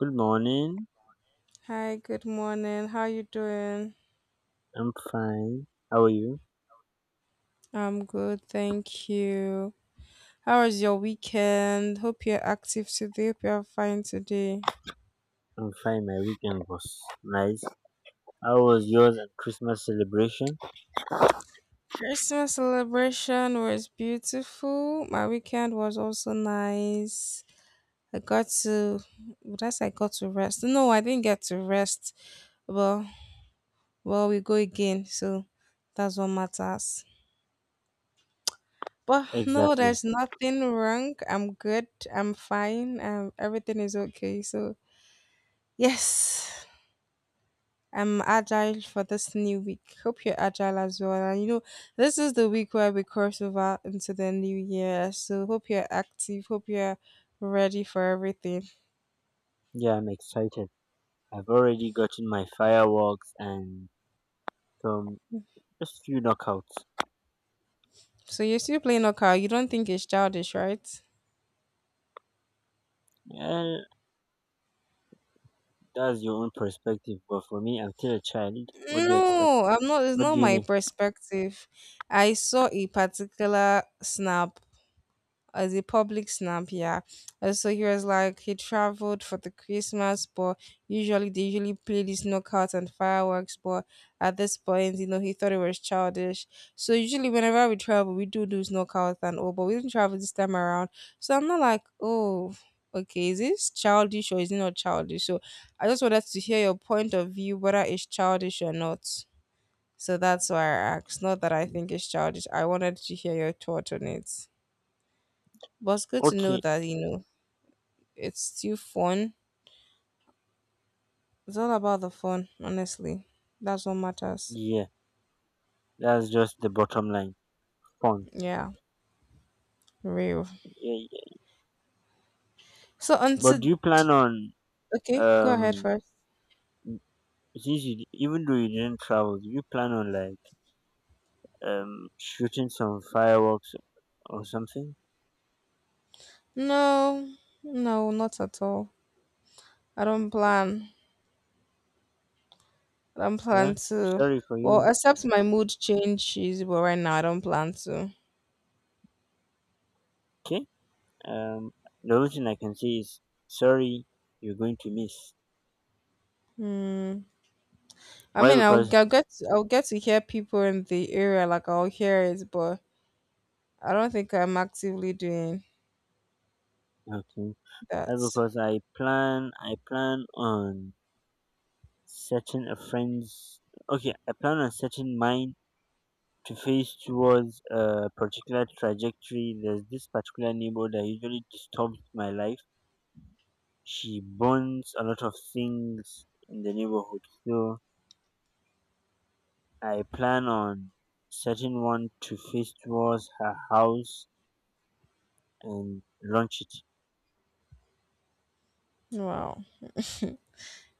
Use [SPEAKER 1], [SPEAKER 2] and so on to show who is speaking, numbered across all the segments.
[SPEAKER 1] Good morning.
[SPEAKER 2] Hi, good morning. How you doing?
[SPEAKER 1] I'm fine. How are you?
[SPEAKER 2] I'm good, thank you. How was your weekend? Hope you're active today. Hope you're fine today.
[SPEAKER 1] I'm fine. My weekend was nice. How was yours and Christmas celebration?
[SPEAKER 2] Christmas celebration was beautiful. My weekend was also nice. I got to, would I say I got to rest? No, I didn't get to rest. Well, well, we go again, so that's what matters. But no,
[SPEAKER 1] Exactly.
[SPEAKER 2] there's nothing wrong. I'm good. I'm fine. Everything is okay. So, yes, I'm agile for this new week. Hope you're agile as well. And this is the week where we cross over into the new year. So hope you're active. Hope you're ready for everything.
[SPEAKER 1] Yeah, I'm excited. I've already gotten my fireworks and some just few knockouts.
[SPEAKER 2] So you're still playing knockout. You don't think it's childish, right?
[SPEAKER 1] Yeah, that's your own perspective, but for me, I'm still a child. What do you expect?
[SPEAKER 2] No, I'm not. It's
[SPEAKER 1] What
[SPEAKER 2] not
[SPEAKER 1] do you
[SPEAKER 2] my
[SPEAKER 1] mean?
[SPEAKER 2] perspective. I saw a particular snap as a public snap, yeah. So he was like he traveled for the Christmas, but usually they usually play these knockouts and fireworks. But at this point, he thought it was childish. So usually whenever we travel, we do those knockouts and all, but we didn't travel this time around. So I'm not like, oh, okay, is this childish or is it not childish? So I just wanted to hear your point of view, whether it's childish or not. So that's why I asked. Not that I think it's childish. I wanted to hear your thought on it. But it's good to know
[SPEAKER 1] Okay,
[SPEAKER 2] that, it's still fun. It's all about the fun, honestly. That's what matters.
[SPEAKER 1] yeah, that's just the bottom line. Fun.
[SPEAKER 2] Yeah, real.
[SPEAKER 1] Yeah, yeah.
[SPEAKER 2] So,
[SPEAKER 1] But do
[SPEAKER 2] until.
[SPEAKER 1] you plan on
[SPEAKER 2] Okay, go ahead
[SPEAKER 1] um
[SPEAKER 2] first.
[SPEAKER 1] since you even though you didn't travel, do you plan on like shooting some fireworks or something.
[SPEAKER 2] No, no, not at all. I don't
[SPEAKER 1] But,
[SPEAKER 2] plan. I don't plan
[SPEAKER 1] well, I'm
[SPEAKER 2] to.
[SPEAKER 1] sorry for
[SPEAKER 2] Well,
[SPEAKER 1] you.
[SPEAKER 2] except my mood changes, but right now I don't plan to.
[SPEAKER 1] Okay. Um, the only thing I can say is sorry. You're going to miss.
[SPEAKER 2] Hmm. I
[SPEAKER 1] Why?
[SPEAKER 2] mean, I'll,
[SPEAKER 1] Because
[SPEAKER 2] I'll get I'll get to hear people in the area, like I'll hear it, but I don't think I'm actively doing
[SPEAKER 1] okay. Why?
[SPEAKER 2] that.
[SPEAKER 1] Because I plan. I plan on setting a friend's. Okay. I plan on setting mine to face towards a particular trajectory. There's this particular neighbor that usually disturbs my life. She burns a lot of things in the neighborhood. So I plan on setting one to face towards her house and launch it.
[SPEAKER 2] Wow,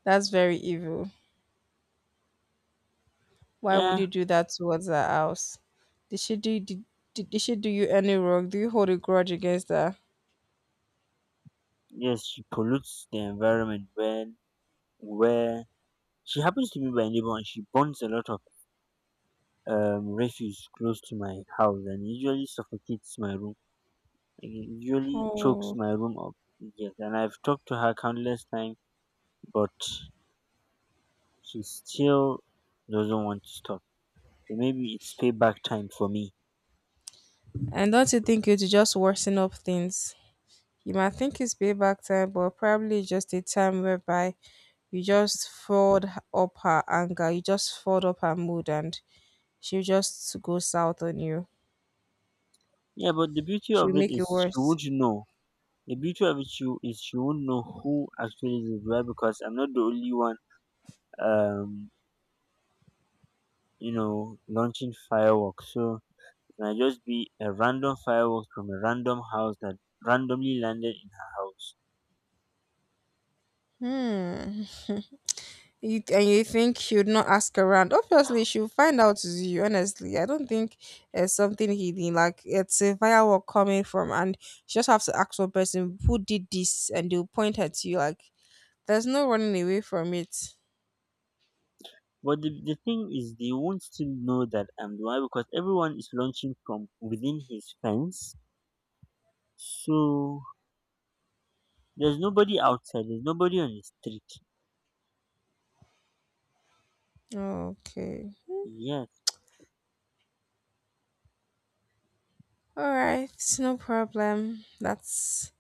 [SPEAKER 2] that's very evil. Why would
[SPEAKER 1] Eh,
[SPEAKER 2] you do that towards her house? Did she do did, did she do you any wrong? Do you hold a grudge against her?
[SPEAKER 1] yes, she pollutes the environment when where she happens to be my neighbor and she burns a lot of refuse close to my house and usually suffocates my room. Like, it usually chokes
[SPEAKER 2] Oh,
[SPEAKER 1] my room up. Yes, and I've talked to her countless times, but she still doesn't want to stop. So maybe it's payback time for me.
[SPEAKER 2] and don't you think you'd just worsen up things? You might think it's payback time, but probably it's just a time whereby you just fought up her anger, you just fought up her mood, and she'll just go south on you.
[SPEAKER 1] Yeah, but the beauty
[SPEAKER 2] She'll
[SPEAKER 1] of it
[SPEAKER 2] make it
[SPEAKER 1] is she
[SPEAKER 2] worse.
[SPEAKER 1] would know. The beauty of it she won't know who actually did why because I'm not the only one um launching fireworks. So it might just be a random fireworks from a random house that randomly landed in her house.
[SPEAKER 2] Hmm. And you think she would not ask around? Obviously, she'll find out it's you. Honestly, I don't think it's something hidden. Like it's a firework coming from, and she just have to ask one person who did this, and they'll point her to you. Like there's no running away from it.
[SPEAKER 1] But the thing is they won't still know that I'm the one because everyone is launching from within his fence. So there's nobody outside, there's nobody on the street.
[SPEAKER 2] Okay,
[SPEAKER 1] Yes.
[SPEAKER 2] all right, no problem. That's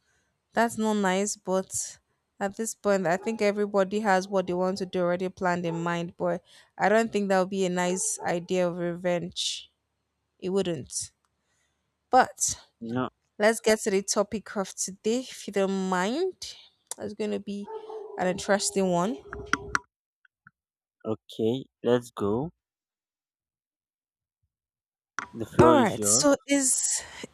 [SPEAKER 2] that's not nice, but at this point, I think everybody has what they want to do already planned in mind. But I don't think that would be a nice idea of revenge. It wouldn't. But
[SPEAKER 1] No,
[SPEAKER 2] let's get to the topic of today, if you don't mind. It's going to be an interesting one.
[SPEAKER 1] okay, let's go. The
[SPEAKER 2] All
[SPEAKER 1] floor is
[SPEAKER 2] right,
[SPEAKER 1] yours.
[SPEAKER 2] so is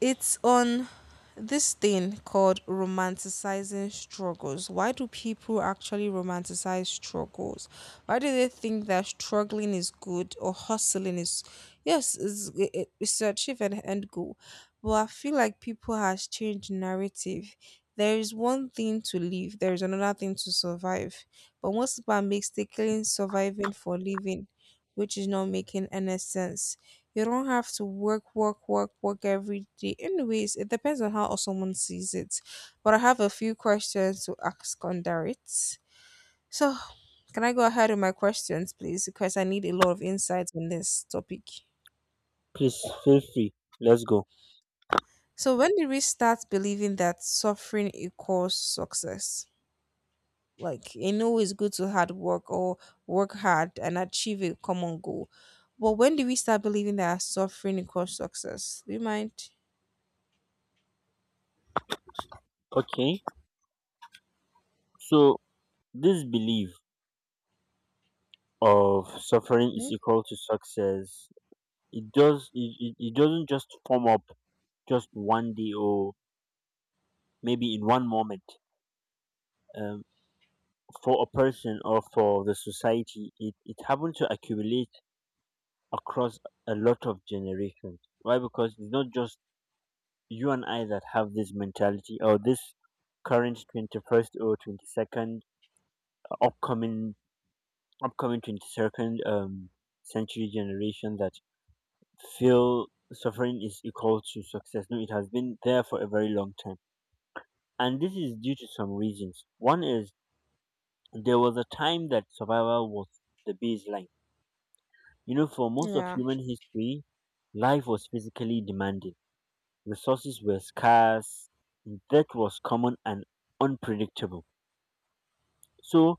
[SPEAKER 2] it's on this thing called romanticizing struggles. Why do people actually romanticize struggles? Why do they think that struggling is good or hustling is, yes, it's to achieve an end goal? But I feel like people has changed narrative. There is one thing to live, there is another thing to survive. But most people are mistaking surviving for living, which is not making any sense. You don't have to work, work, work, work every day. Anyways, it depends on how someone sees it. But I have a few questions to ask under it. So, can I go ahead with my questions, please? Because I need a lot of insight on this topic.
[SPEAKER 1] Please feel free. Let's go.
[SPEAKER 2] So, when did we start believing that suffering equals success? Like, I know it's good to hard work or work hard and achieve a common goal. But when do we start believing that suffering equals success? Do you mind?
[SPEAKER 1] Okay, so this belief of suffering is
[SPEAKER 2] Hmm?
[SPEAKER 1] equal to success, it doesn't just form up just one day or maybe in one moment. Um, for a person or for the society, it happened to accumulate across a lot of generations. Why? Because it's not just you and I that have this mentality or this current 21st or 22nd upcoming upcoming 22nd century generation that feel suffering is equal to success. No, it has been there for a very long time. And this is due to some reasons. One is there was a time that survival was the baseline. You know, for most of
[SPEAKER 2] Yeah.
[SPEAKER 1] human history, life was physically demanding, resources were scarce, death was common and unpredictable. So,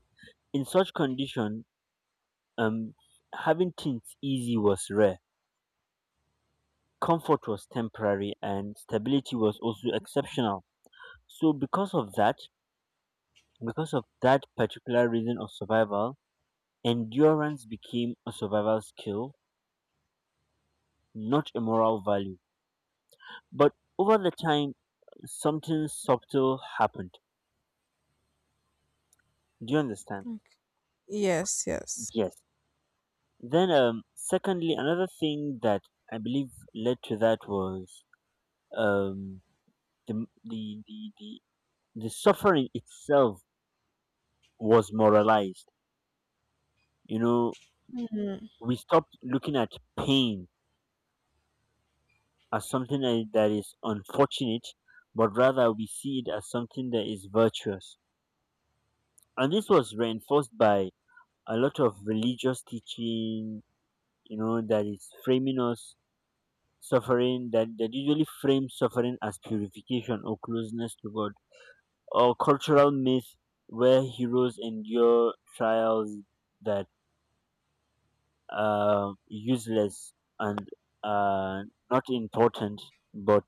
[SPEAKER 1] in such condition, um, having things easy was rare. Comfort was temporary and stability was also exceptional. So, because of that, because of that particular reason of survival, endurance became a survival skill, not a moral value. But over the time, something subtle happened. Do you understand?
[SPEAKER 2] Mm. Yes, yes.
[SPEAKER 1] Yes. Then, secondly, another thing that I believe led to that was um, the, the the the the suffering itself was moralized. You know,
[SPEAKER 2] Mhm.
[SPEAKER 1] we stopped looking at pain as something that is unfortunate, but rather we see it as something that is virtuous. And this was reinforced by a lot of religious teaching, you know, that is framing us suffering, that usually frames suffering as purification or closeness to God, or cultural myth where heroes endure trials that are useless and uh, not important, but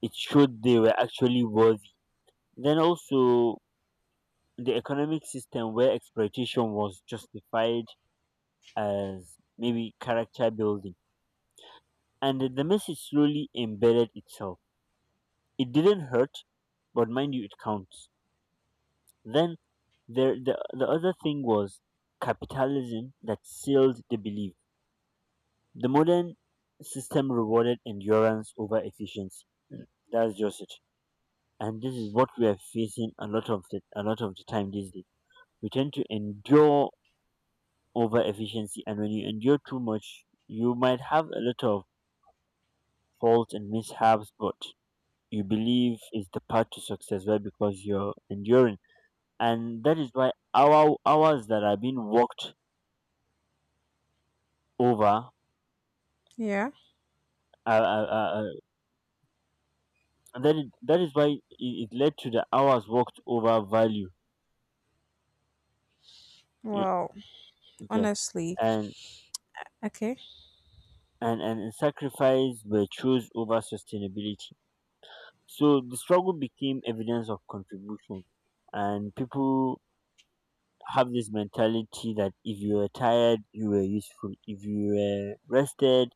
[SPEAKER 1] it showed they were actually worthy. Then also the economic system where exploitation was justified as maybe character building. And the message slowly embedded itself. It didn't hurt, but mind you, it counts. Then the other thing was capitalism that sealed the belief. The modern system rewarded endurance over efficiency. Mm, That's just it. And this is what we are facing a lot of the time these days. We tend to endure over efficiency. And when you endure too much, you might have a lot of faults and mishaps, but you believe is the path to success, right? Because you're enduring. And that is why our hours that are being worked over,
[SPEAKER 2] Yeah.
[SPEAKER 1] uh, uh, that is why it led to the hours worked over value. You
[SPEAKER 2] Well,
[SPEAKER 1] know, yes.
[SPEAKER 2] honestly,
[SPEAKER 1] And,
[SPEAKER 2] okay.
[SPEAKER 1] and sacrifice were chose over sustainability. So the struggle became evidence of contribution and people have this mentality that if you were tired, you were useful. If you were rested,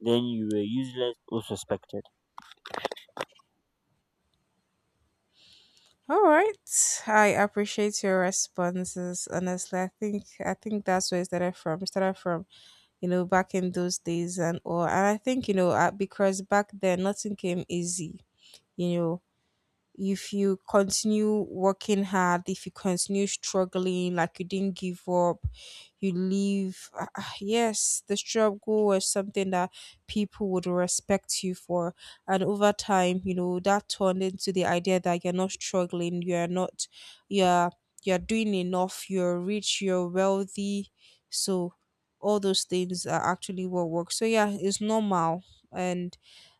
[SPEAKER 1] then you were useless or suspected.
[SPEAKER 2] All right. I appreciate your responses. Honestly, I think that's where it started from. It started from back in those days and all. And I think because back then nothing came easy. You know, if you continue working hard, if you continue struggling, like you didn't give up, you leave. Yes, the struggle was something that people would respect you for. And over time, that turned into the idea that you're not struggling, you're not, you're, you're doing enough, you're rich, you're wealthy. So all those things are actually what works. So yeah, it's normal. And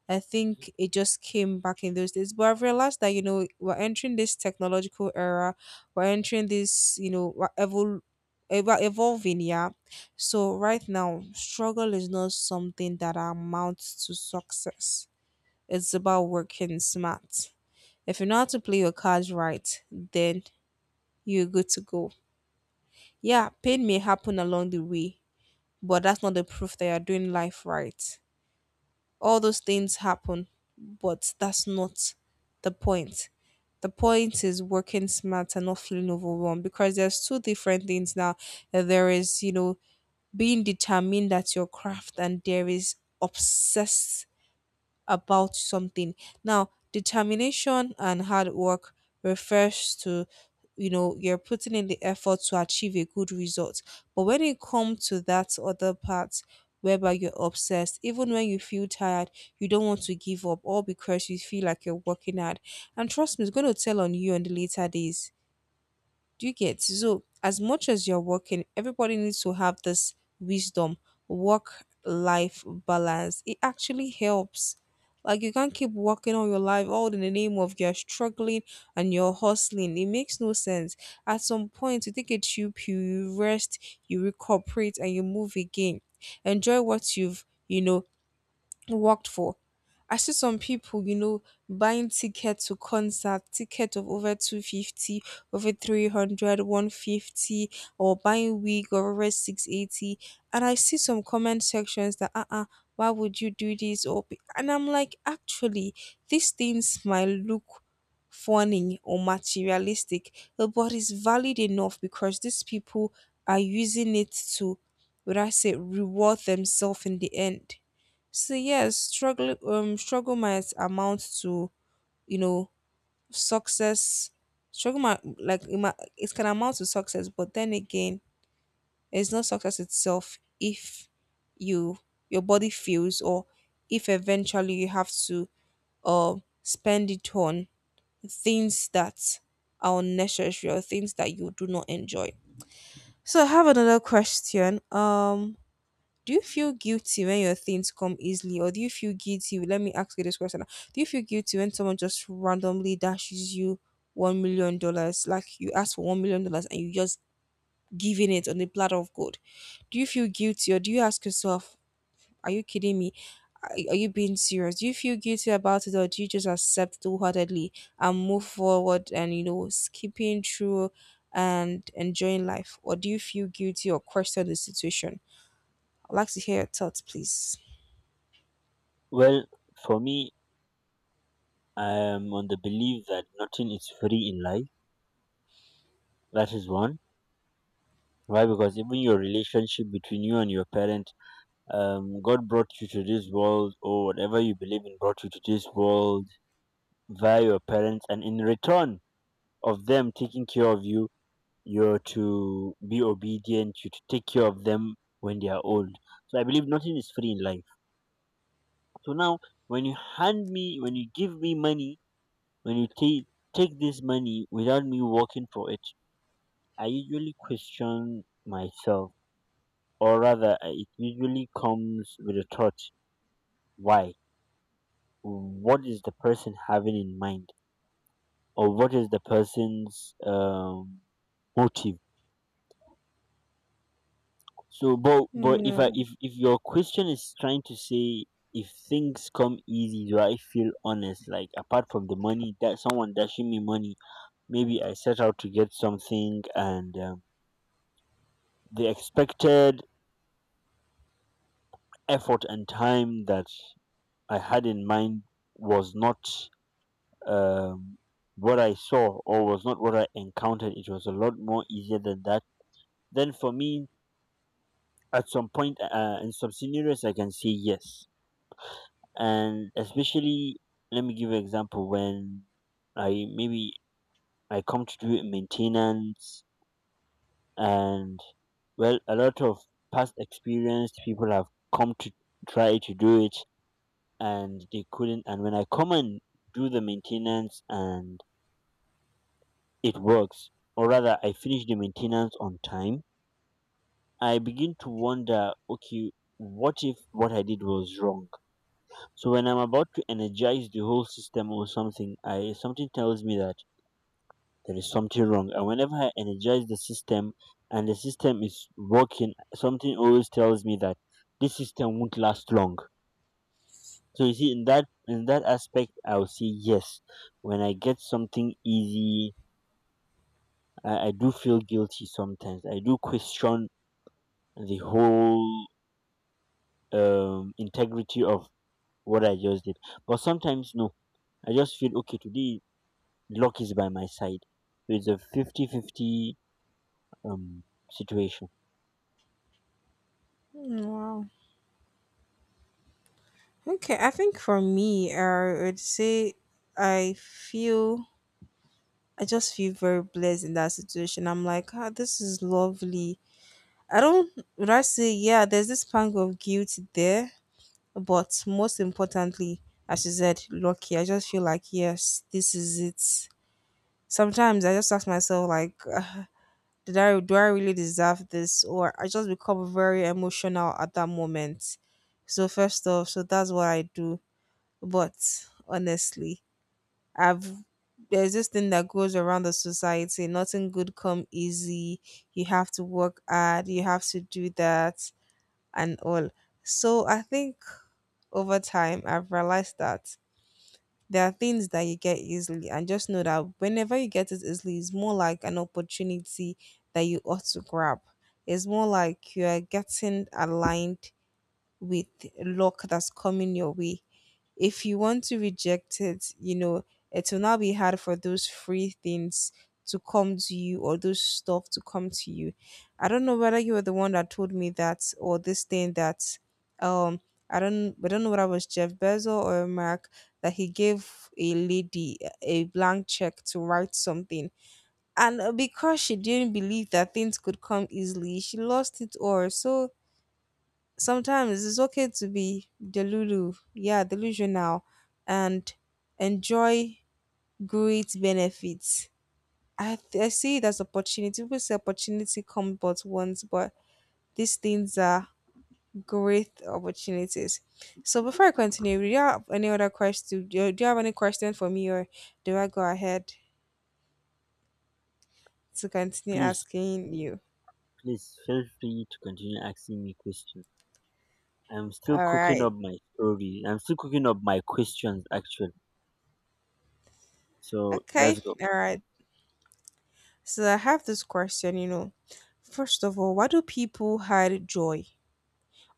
[SPEAKER 2] I think it just came back in those days. But I've realized that, we're entering this technological era. We're entering this, we're evolving, yeah. So right now, struggle is not something that amounts to success. It's about working smart. If you know how to play your cards right, then you're good to go. Yeah, pain may happen along the way, but that's not the proof that you're doing life right. All those things happen, but that's not the point. The point is working smart and not feeling overwhelmed because there's two different things now. There is, being determined at your craft, and there is obsessed about something. Now, determination and hard work refers to you're putting in the effort to achieve a good result. But when it comes to that other part whereby you're obsessed, even when you feel tired, you don't want to give up, all because you feel like you're working hard. And trust me, it's going to tell on you on the later days. Do you get? So, as much as you're working, everybody needs to have this wisdom, work life balance. It actually helps. Like, you can't keep working all your life, all in the name of you're struggling and you're hustling. It makes no sense. At some point, you take a cheap you rest, you recuperate, and you move again. Enjoy what you've, worked for. I see some people, buying ticket to concert, ticket of over 250, over 300, 150, or buying wig of over 680. And I see some comment sections that, uh-uh, why would you do this? Or be-" And I'm like, actually, these things might look funny or materialistic, but it's valid enough because these people are using it to, would I say, reward themselves in the end. So yes, struggle might amount to you know success. Struggle might like it, might, it can amount to success, but then again, it's not success itself if you your body feels or if eventually you have to uh spend it on things that are unnecessary or things that you do not enjoy. So I have another question. Do you feel guilty when your things come easily, or do you feel guilty? Let me ask you this question: now. Do you feel guilty when someone just randomly dashes you $1 million, like you ask for $1 million and you just giving it on a platter of gold? Do you feel guilty, or do you ask yourself, "Are you kidding me? Are you being serious?" Do you feel guilty about it, or do you just accept wholeheartedly and move forward and skipping through and enjoying life, or do you feel guilty or question the situation? I'd like to hear your thoughts, please.
[SPEAKER 1] Well, for me, I am on the belief that nothing is free in life. That is one. Why? Because even your relationship between you and your parent, God brought you to this world, or whatever you believe in brought you to this world via your parents, and in return of them taking care of you, you're to be obedient, you to take care of them when they are old. So I believe nothing is free in life. So now, when you hand me, when you give me money, when you take this money without me working for it, I usually question myself, or rather, it usually comes with a thought: why? What is the person having in mind, or what is the person's motive? So, but if I
[SPEAKER 2] Mm,
[SPEAKER 1] if your question is trying to say if things come easy, do I feel honest? Like apart from the money that someone dashing me money, maybe I set out to get something, and the expected effort and time that I had in mind was not um, what I saw or was not what I encountered. It was a lot more easier than that. Then for me, at some point in some scenarios, I can say yes. And especially, let me give you an example. When i maybe I come to do maintenance, and well, a lot of past experienced people have come to try to do it and they couldn't. And when I come and do the maintenance and it works, or rather I finish the maintenance on time, I begin to wonder, okay, what if what I did was wrong? So when I'm about to energize the whole system or something, I something tells me that there is something wrong. And whenever I energize the system and the system is working, something always tells me that this system won't last long. So you see, in that aspect, I'll say yes. When I get something easy, I do feel guilty sometimes. I do question the whole integrity of what I just did. But sometimes, no, I just feel okay. Today, luck is by my side. So it's a fifty-fifty um, situation.
[SPEAKER 2] mm, wow. Okay, I think for me, I would say I feel I just feel very blessed in that situation. I'm like, this is lovely. I don't would I say, yeah, there's this pang of guilt there, but most importantly, as you said, lucky. I just feel like, yes, this is it. Sometimes I just ask myself, like, ah, did I do I really deserve this, or I just become very emotional at that moment. So first off, so that's what I do. But honestly, I've there's this thing that goes around the society. Nothing good come easy. You have to work hard. You have to do that and all. So I think over time I've realized that there are things that you get easily, and just know that whenever you get it easily, it's more like an opportunity that you ought to grab. It's more like you are getting aligned with luck that's coming your way if you want to reject it, it will now be hard for those free things to come to you or those stuff to come to you. I don't know whether you were the one that told me that or this thing that um I don't I don't know whether it was Jeff Bezos or Mark that he gave a lady a blank check to write something. And because she didn't believe that things could come easily, she lost it all. So sometimes it's okay to be delulu yeah, delusional and enjoy great benefits. I see it as opportunity. People say opportunity comes but once, but these things are great opportunities. So before I continue, do you have any other question? Do you have any question for me, or do I go ahead to continue
[SPEAKER 1] please
[SPEAKER 2] asking you?
[SPEAKER 1] please feel free to continue asking me questions. I'm still
[SPEAKER 2] All
[SPEAKER 1] cooking
[SPEAKER 2] right.
[SPEAKER 1] up my story. I'm still cooking up my questions actually. So
[SPEAKER 2] Okay.
[SPEAKER 1] let's go.
[SPEAKER 2] All right. So I have this question. You know, first of all, why do people hide joy?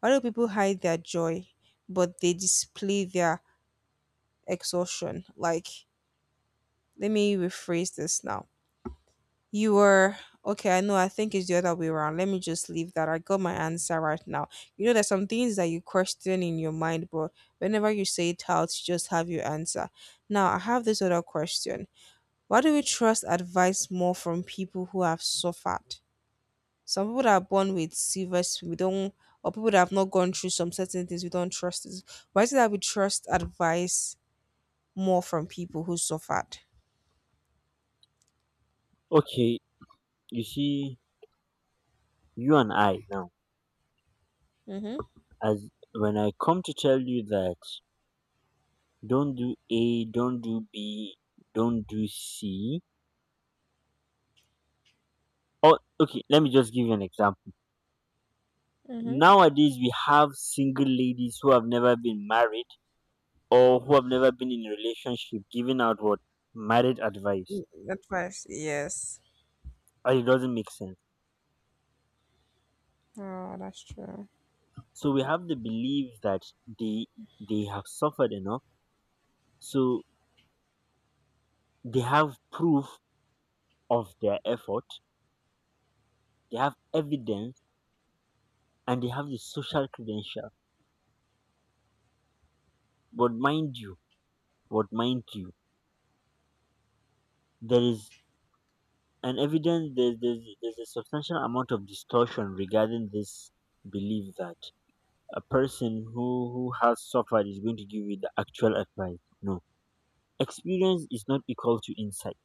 [SPEAKER 2] A lot people hide their joy, but they display their exhaustion. Like, let me rephrase this now. You were okay, I know, I think it's the other way around. Let me just leave that. I got my answer right now. You know, there's some things that you question in your mind, but whenever you say it out, you just have your answer. Now, I have this other question. Why do we trust advice more from people who have suffered? Some people that are born with silver spoon, we don't, or people that have not gone through some certain things, we don't trust it. Why is it that we trust advice more from people who suffered?
[SPEAKER 1] Okay, you see, you and I now,
[SPEAKER 2] Mm-hmm.
[SPEAKER 1] as when I come to tell you that don't do A, don't do B, don't do C. Oh, okay, let me just give you an example. Nowadays, we have single ladies who have never been married or who have never been in a relationship giving out what marriage advice.
[SPEAKER 2] Mm-hmm. Advice, yes.
[SPEAKER 1] And it doesn't make sense.
[SPEAKER 2] Oh, that's true.
[SPEAKER 1] So we have the belief that they they have suffered enough, so they have proof of their effort, they have evidence, and they have the social credential. But mind you, but mind you, there is an evidence. There's a substantial amount of distortion regarding this belief that a person who has suffered is going to give you the actual advice. No, experience is not equal to insight.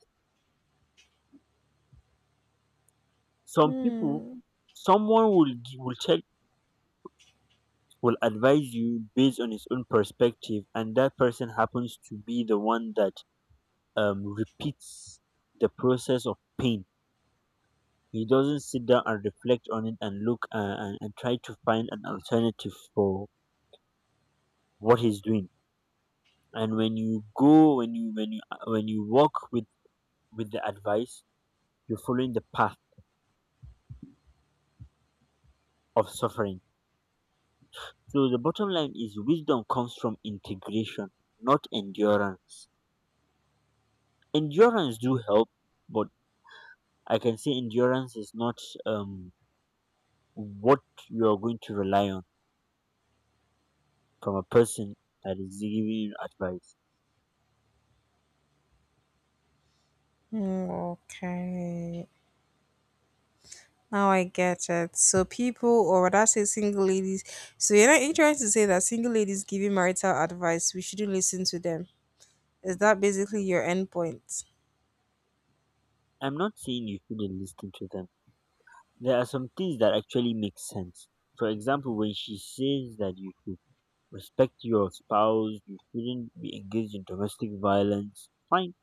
[SPEAKER 1] Some people
[SPEAKER 2] Hmm.
[SPEAKER 1] Someone will gi- will tell will advise you based on his own perspective, and that person happens to be the one that repeats the process of pain. He doesn't sit down and reflect on it and look, and try to find an alternative for what he's doing. And when you go, when you walk with the advice, you're following the path of suffering. So the bottom line is wisdom comes from integration, not endurance. Endurance do help, but I can say endurance is not um, what you are going to rely on from a person that is giving you advice.
[SPEAKER 2] Hmm, okay. Now I get it. So people, or rather say single ladies. So you're not you're trying to say that single ladies giving marital advice, we shouldn't listen to them. Is that basically your end point?
[SPEAKER 1] I'm not saying you shouldn't listen to them. There are some things that actually make sense. For example, when she says that you should respect your spouse, you shouldn't be engaged in domestic violence, fine.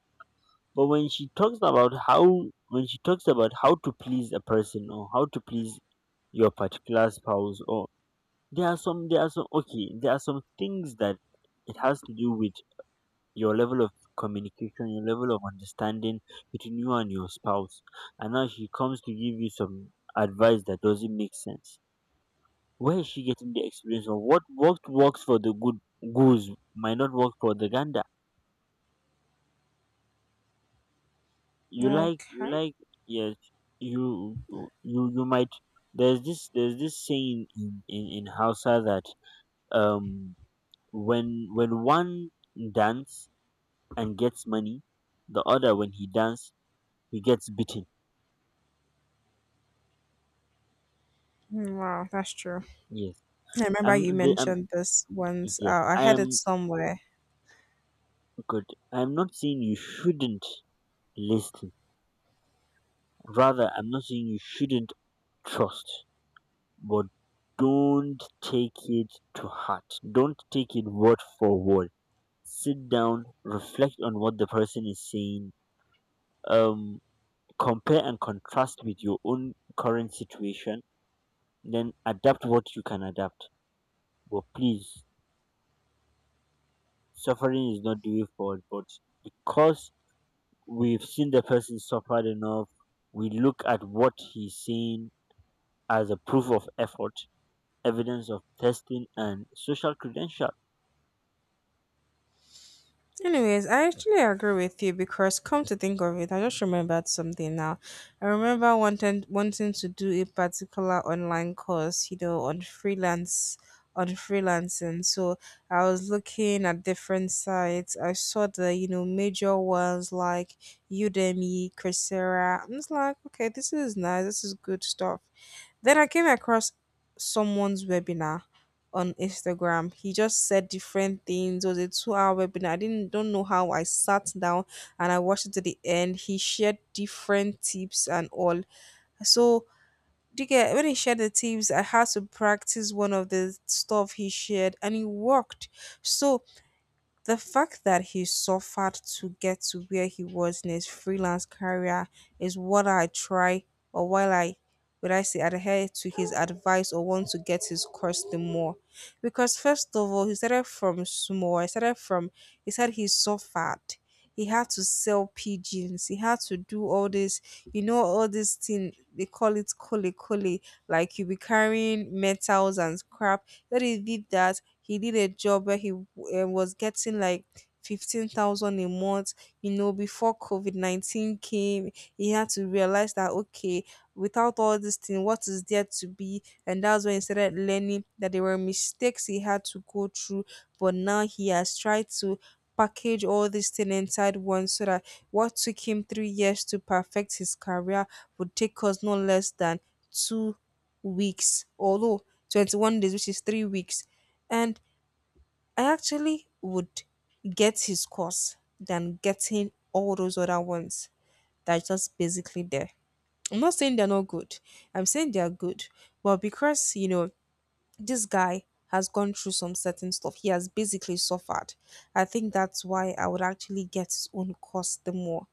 [SPEAKER 1] But when she talks about how when she talks about how to please a person or how to please your particular spouse, or there are some things that it has to do with your level of communication, your level of understanding between you and your spouse. And now she comes to give you some advice that doesn't make sense. Where is she getting the experience from? What works for the good goose might not work for the gander. You like you
[SPEAKER 2] Okay.
[SPEAKER 1] like yes, you might, there's this saying in Hausa that um when one dance and gets money. The other, when he dance, he gets beaten.
[SPEAKER 2] Hmm, wow, that's true.
[SPEAKER 1] Yes,
[SPEAKER 2] I remember
[SPEAKER 1] I'm.
[SPEAKER 2] you
[SPEAKER 1] The, I'm
[SPEAKER 2] mentioned this once.
[SPEAKER 1] yes,
[SPEAKER 2] I
[SPEAKER 1] I
[SPEAKER 2] had it
[SPEAKER 1] am
[SPEAKER 2] somewhere.
[SPEAKER 1] good. I'm not saying you shouldn't listen. Rather, I'm not saying you shouldn't trust, but don't take it to heart. Don't take it word for word. Sit down, reflect on what the person is saying. Um, Compare and contrast with your own current situation. Then adapt what you can adapt. But please, suffering is not the way forward, but because we've seen the person suffered enough, we look at what he's saying as a proof of effort, evidence of testing, and social credential.
[SPEAKER 2] Anyways, I actually agree with you because come to think of it, I just remembered something now. I remember wanting to do a particular online course, you know, on freelancing. So I was looking at different sites. I saw the, you know, major ones like Udemy, Coursera. I was like, okay, this is nice, this is good stuff. Then I came across someone's webinar on Instagram. He just said different things. It was a 2-hour webinar. I didn't don't know how I sat down and I watched it to the end. He shared different tips and all. So do you get when he shared the tips, I had to practice one of the stuff he shared and it worked. So the fact that he suffered to get to where he was in his freelance career is what I try or while I would I say adhere to his advice or want to get his course the more. Because first of all, he started from small. I started from he said he suffered. He had to sell pigeons. He had to do all this, you know, all this thing they call it kole kole. Like you be carrying metals and scrap, then he did that. He did a job where he was getting like 15,000 a month. You know, before COVID-19 came, he had to realize that, okay, without all this thing, what is there to be? And that's when he started learning that there were mistakes he had to go through. But now he has tried to package all this thing inside one, so that what took him 3 years to perfect his career would take us no less than 2 weeks, although 21 days, which is 3 weeks. And I actually would get his course than getting all those other ones that are just basically there. I'm not saying they're not good. I'm saying they're good. But because this guy has gone through some certain stuff, he has basically suffered. I think that's why I would actually get his own course the more.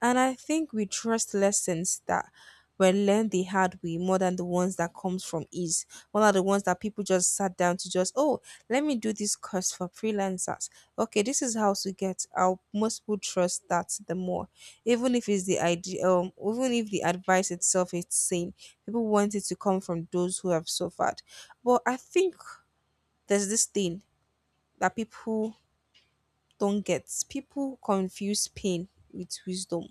[SPEAKER 2] And I think we trust lessons that were learned the hard way more than the ones that comes from ease. One of the ones that people just sat down to just, oh, let me do this course for freelancers. Okay, this is how to get. Our most people trust that the more, even if it's the idea, even if the advice itself is same, people want it to come from those who have suffered. But I think there's this thing that people don't get. People confuse pain with wisdom.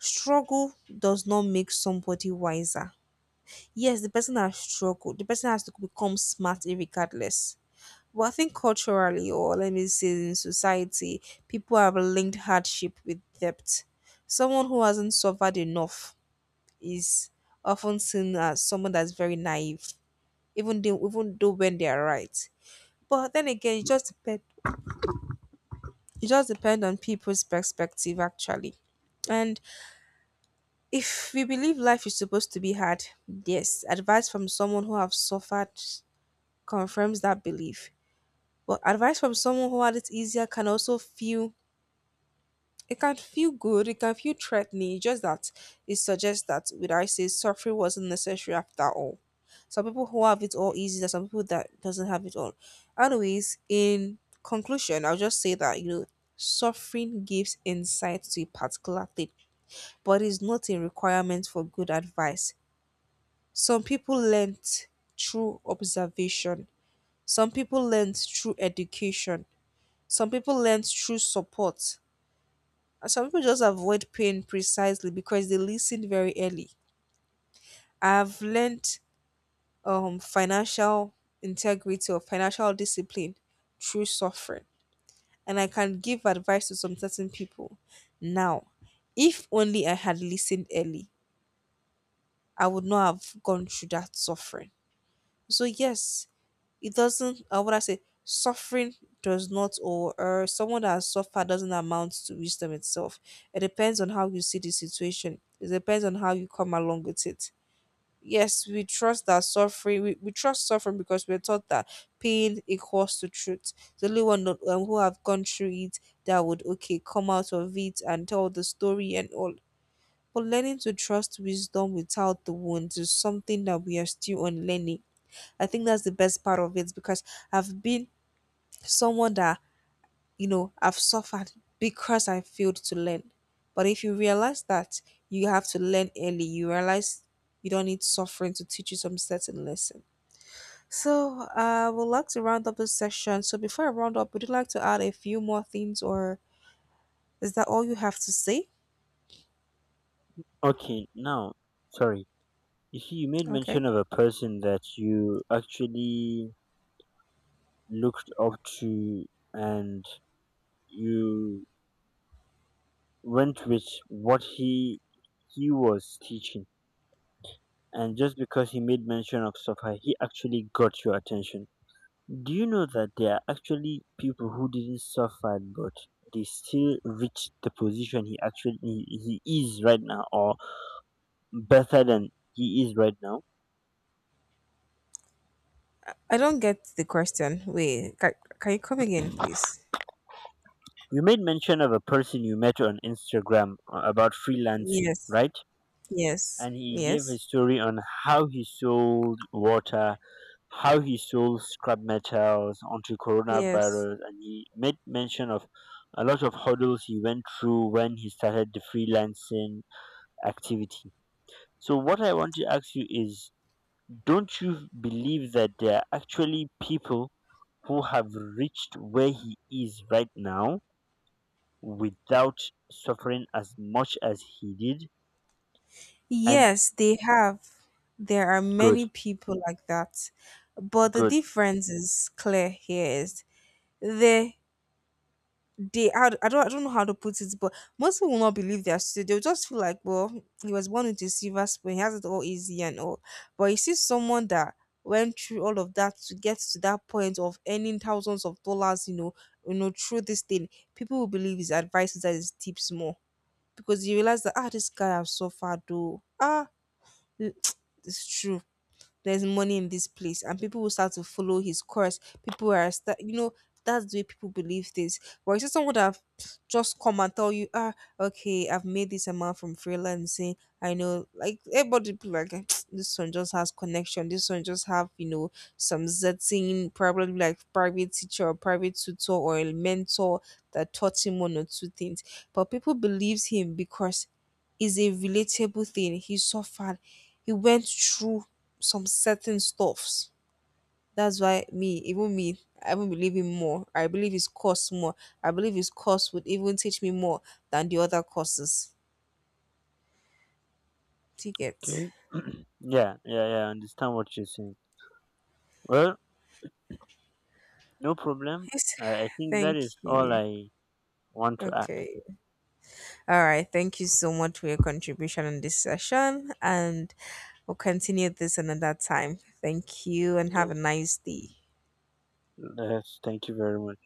[SPEAKER 2] Struggle does not make somebody wiser. Yes, the person has struggled. The person has to become smart regardless. But I think culturally, or let me say in society, people have linked hardship with debt. Someone who hasn't suffered enough is often seen as someone that's very naive, even though when they are right. But then again, it just depends on people's perspective actually. And if we believe life is supposed to be hard, yes, advice from someone who have suffered confirms that belief. But advice from someone who had it easier can also feel, it can feel good, it can feel threatening. It's just that it suggests that would I say suffering wasn't necessary after all. Some people who have it all easy, there's some people that doesn't have it all. Anyways, in conclusion, I'll just say that suffering gives insight to a particular thing, but is not a requirement for good advice. Some people learnt through observation, some people learnt through education, some people learnt through support, and some people just avoid pain precisely because they listened very early. I've learnt financial integrity or financial discipline through suffering, and I can give advice to some certain people. Now, if only I had listened early, I would not have gone through that suffering. So, yes, it doesn't what I say suffering does not or someone that has suffered doesn't amount to wisdom itself. It depends on how you see the situation. It depends on how you come along with it. Yes, we trust that suffering, we trust suffering because we're taught that pain equals to truth. The only one not, who have gone through it, that would okay come out of it and tell the story and all. But learning to trust wisdom without the wounds is something that we are still on learning. I think that's the best part of it, because I've been someone that, you know, I've suffered because I failed to learn. But if you realize that you have to learn early, you realize you don't need suffering to teach you some certain lesson. So I would like to round up this section. So before I round up, would you like to add a few more things, or is that all you have to say?
[SPEAKER 1] Okay, now, sorry. You see, you made mention
[SPEAKER 2] Okay.
[SPEAKER 1] of a person that you actually looked up to, and you went with what he was teaching, and just because he made mention of suffer, he actually got your attention. Do you know that there are actually people who didn't suffer, but they still reached the position he is right now, or better than he is right now?
[SPEAKER 2] I don't get the question. Wait, can you come again, please?
[SPEAKER 1] You made mention of a person you met on Instagram about freelancing,
[SPEAKER 2] Yes.
[SPEAKER 1] right?
[SPEAKER 2] Yes.
[SPEAKER 1] And he gave
[SPEAKER 2] Yes.
[SPEAKER 1] his story on how he sold water, how he sold scrap metals onto
[SPEAKER 2] Yes.
[SPEAKER 1] coronavirus, and he made mention of a lot of hurdles he went through when he started the freelancing activity. So what I want to ask you is, don't you believe that there are actually people who have reached where he is right now without suffering as much as he did? And
[SPEAKER 2] Yes, they have. There are
[SPEAKER 1] good,
[SPEAKER 2] many people like that. But the
[SPEAKER 1] good.
[SPEAKER 2] difference is clear here is they they I don't know how to put it, but most people will not believe their story. They'll just feel like, well, he was born with a silver spoon, he has it all easy and all. But you see someone that went through all of that to get to that point of earning thousands of dollars, through this thing, people will believe his advice, is that his tips more. Because you realize that ah, this guy has suffered though. Ah, it's true. There's money in this place, and people will start to follow his course. People are, start, you know, that's the way people believe things. But it's just someone that have just come and tell you, ah, okay, I've made this amount from freelancing. I know, like everybody, be like "Ah, this one just has connection. This one just have, some certain probably like private teacher or private tutor or a mentor that taught him one or two things. But people believes him because is a relatable thing. He suffered. He went through some certain stuffs. That's why me, even me, I even believe him more. I believe his course more. I believe his course would even teach me more than the other courses. Ticket.
[SPEAKER 1] Okay. Yeah, yeah, yeah. I understand what you're saying. Well, no problem.
[SPEAKER 2] Yes,
[SPEAKER 1] I think that
[SPEAKER 2] thank
[SPEAKER 1] is all
[SPEAKER 2] you.
[SPEAKER 1] I want to ask.
[SPEAKER 2] Okay. All right. Thank you so much for your contribution in this session. And we'll continue this another time. Thank you and have
[SPEAKER 1] Yes.
[SPEAKER 2] a nice day.
[SPEAKER 1] Yes. Thank you very much.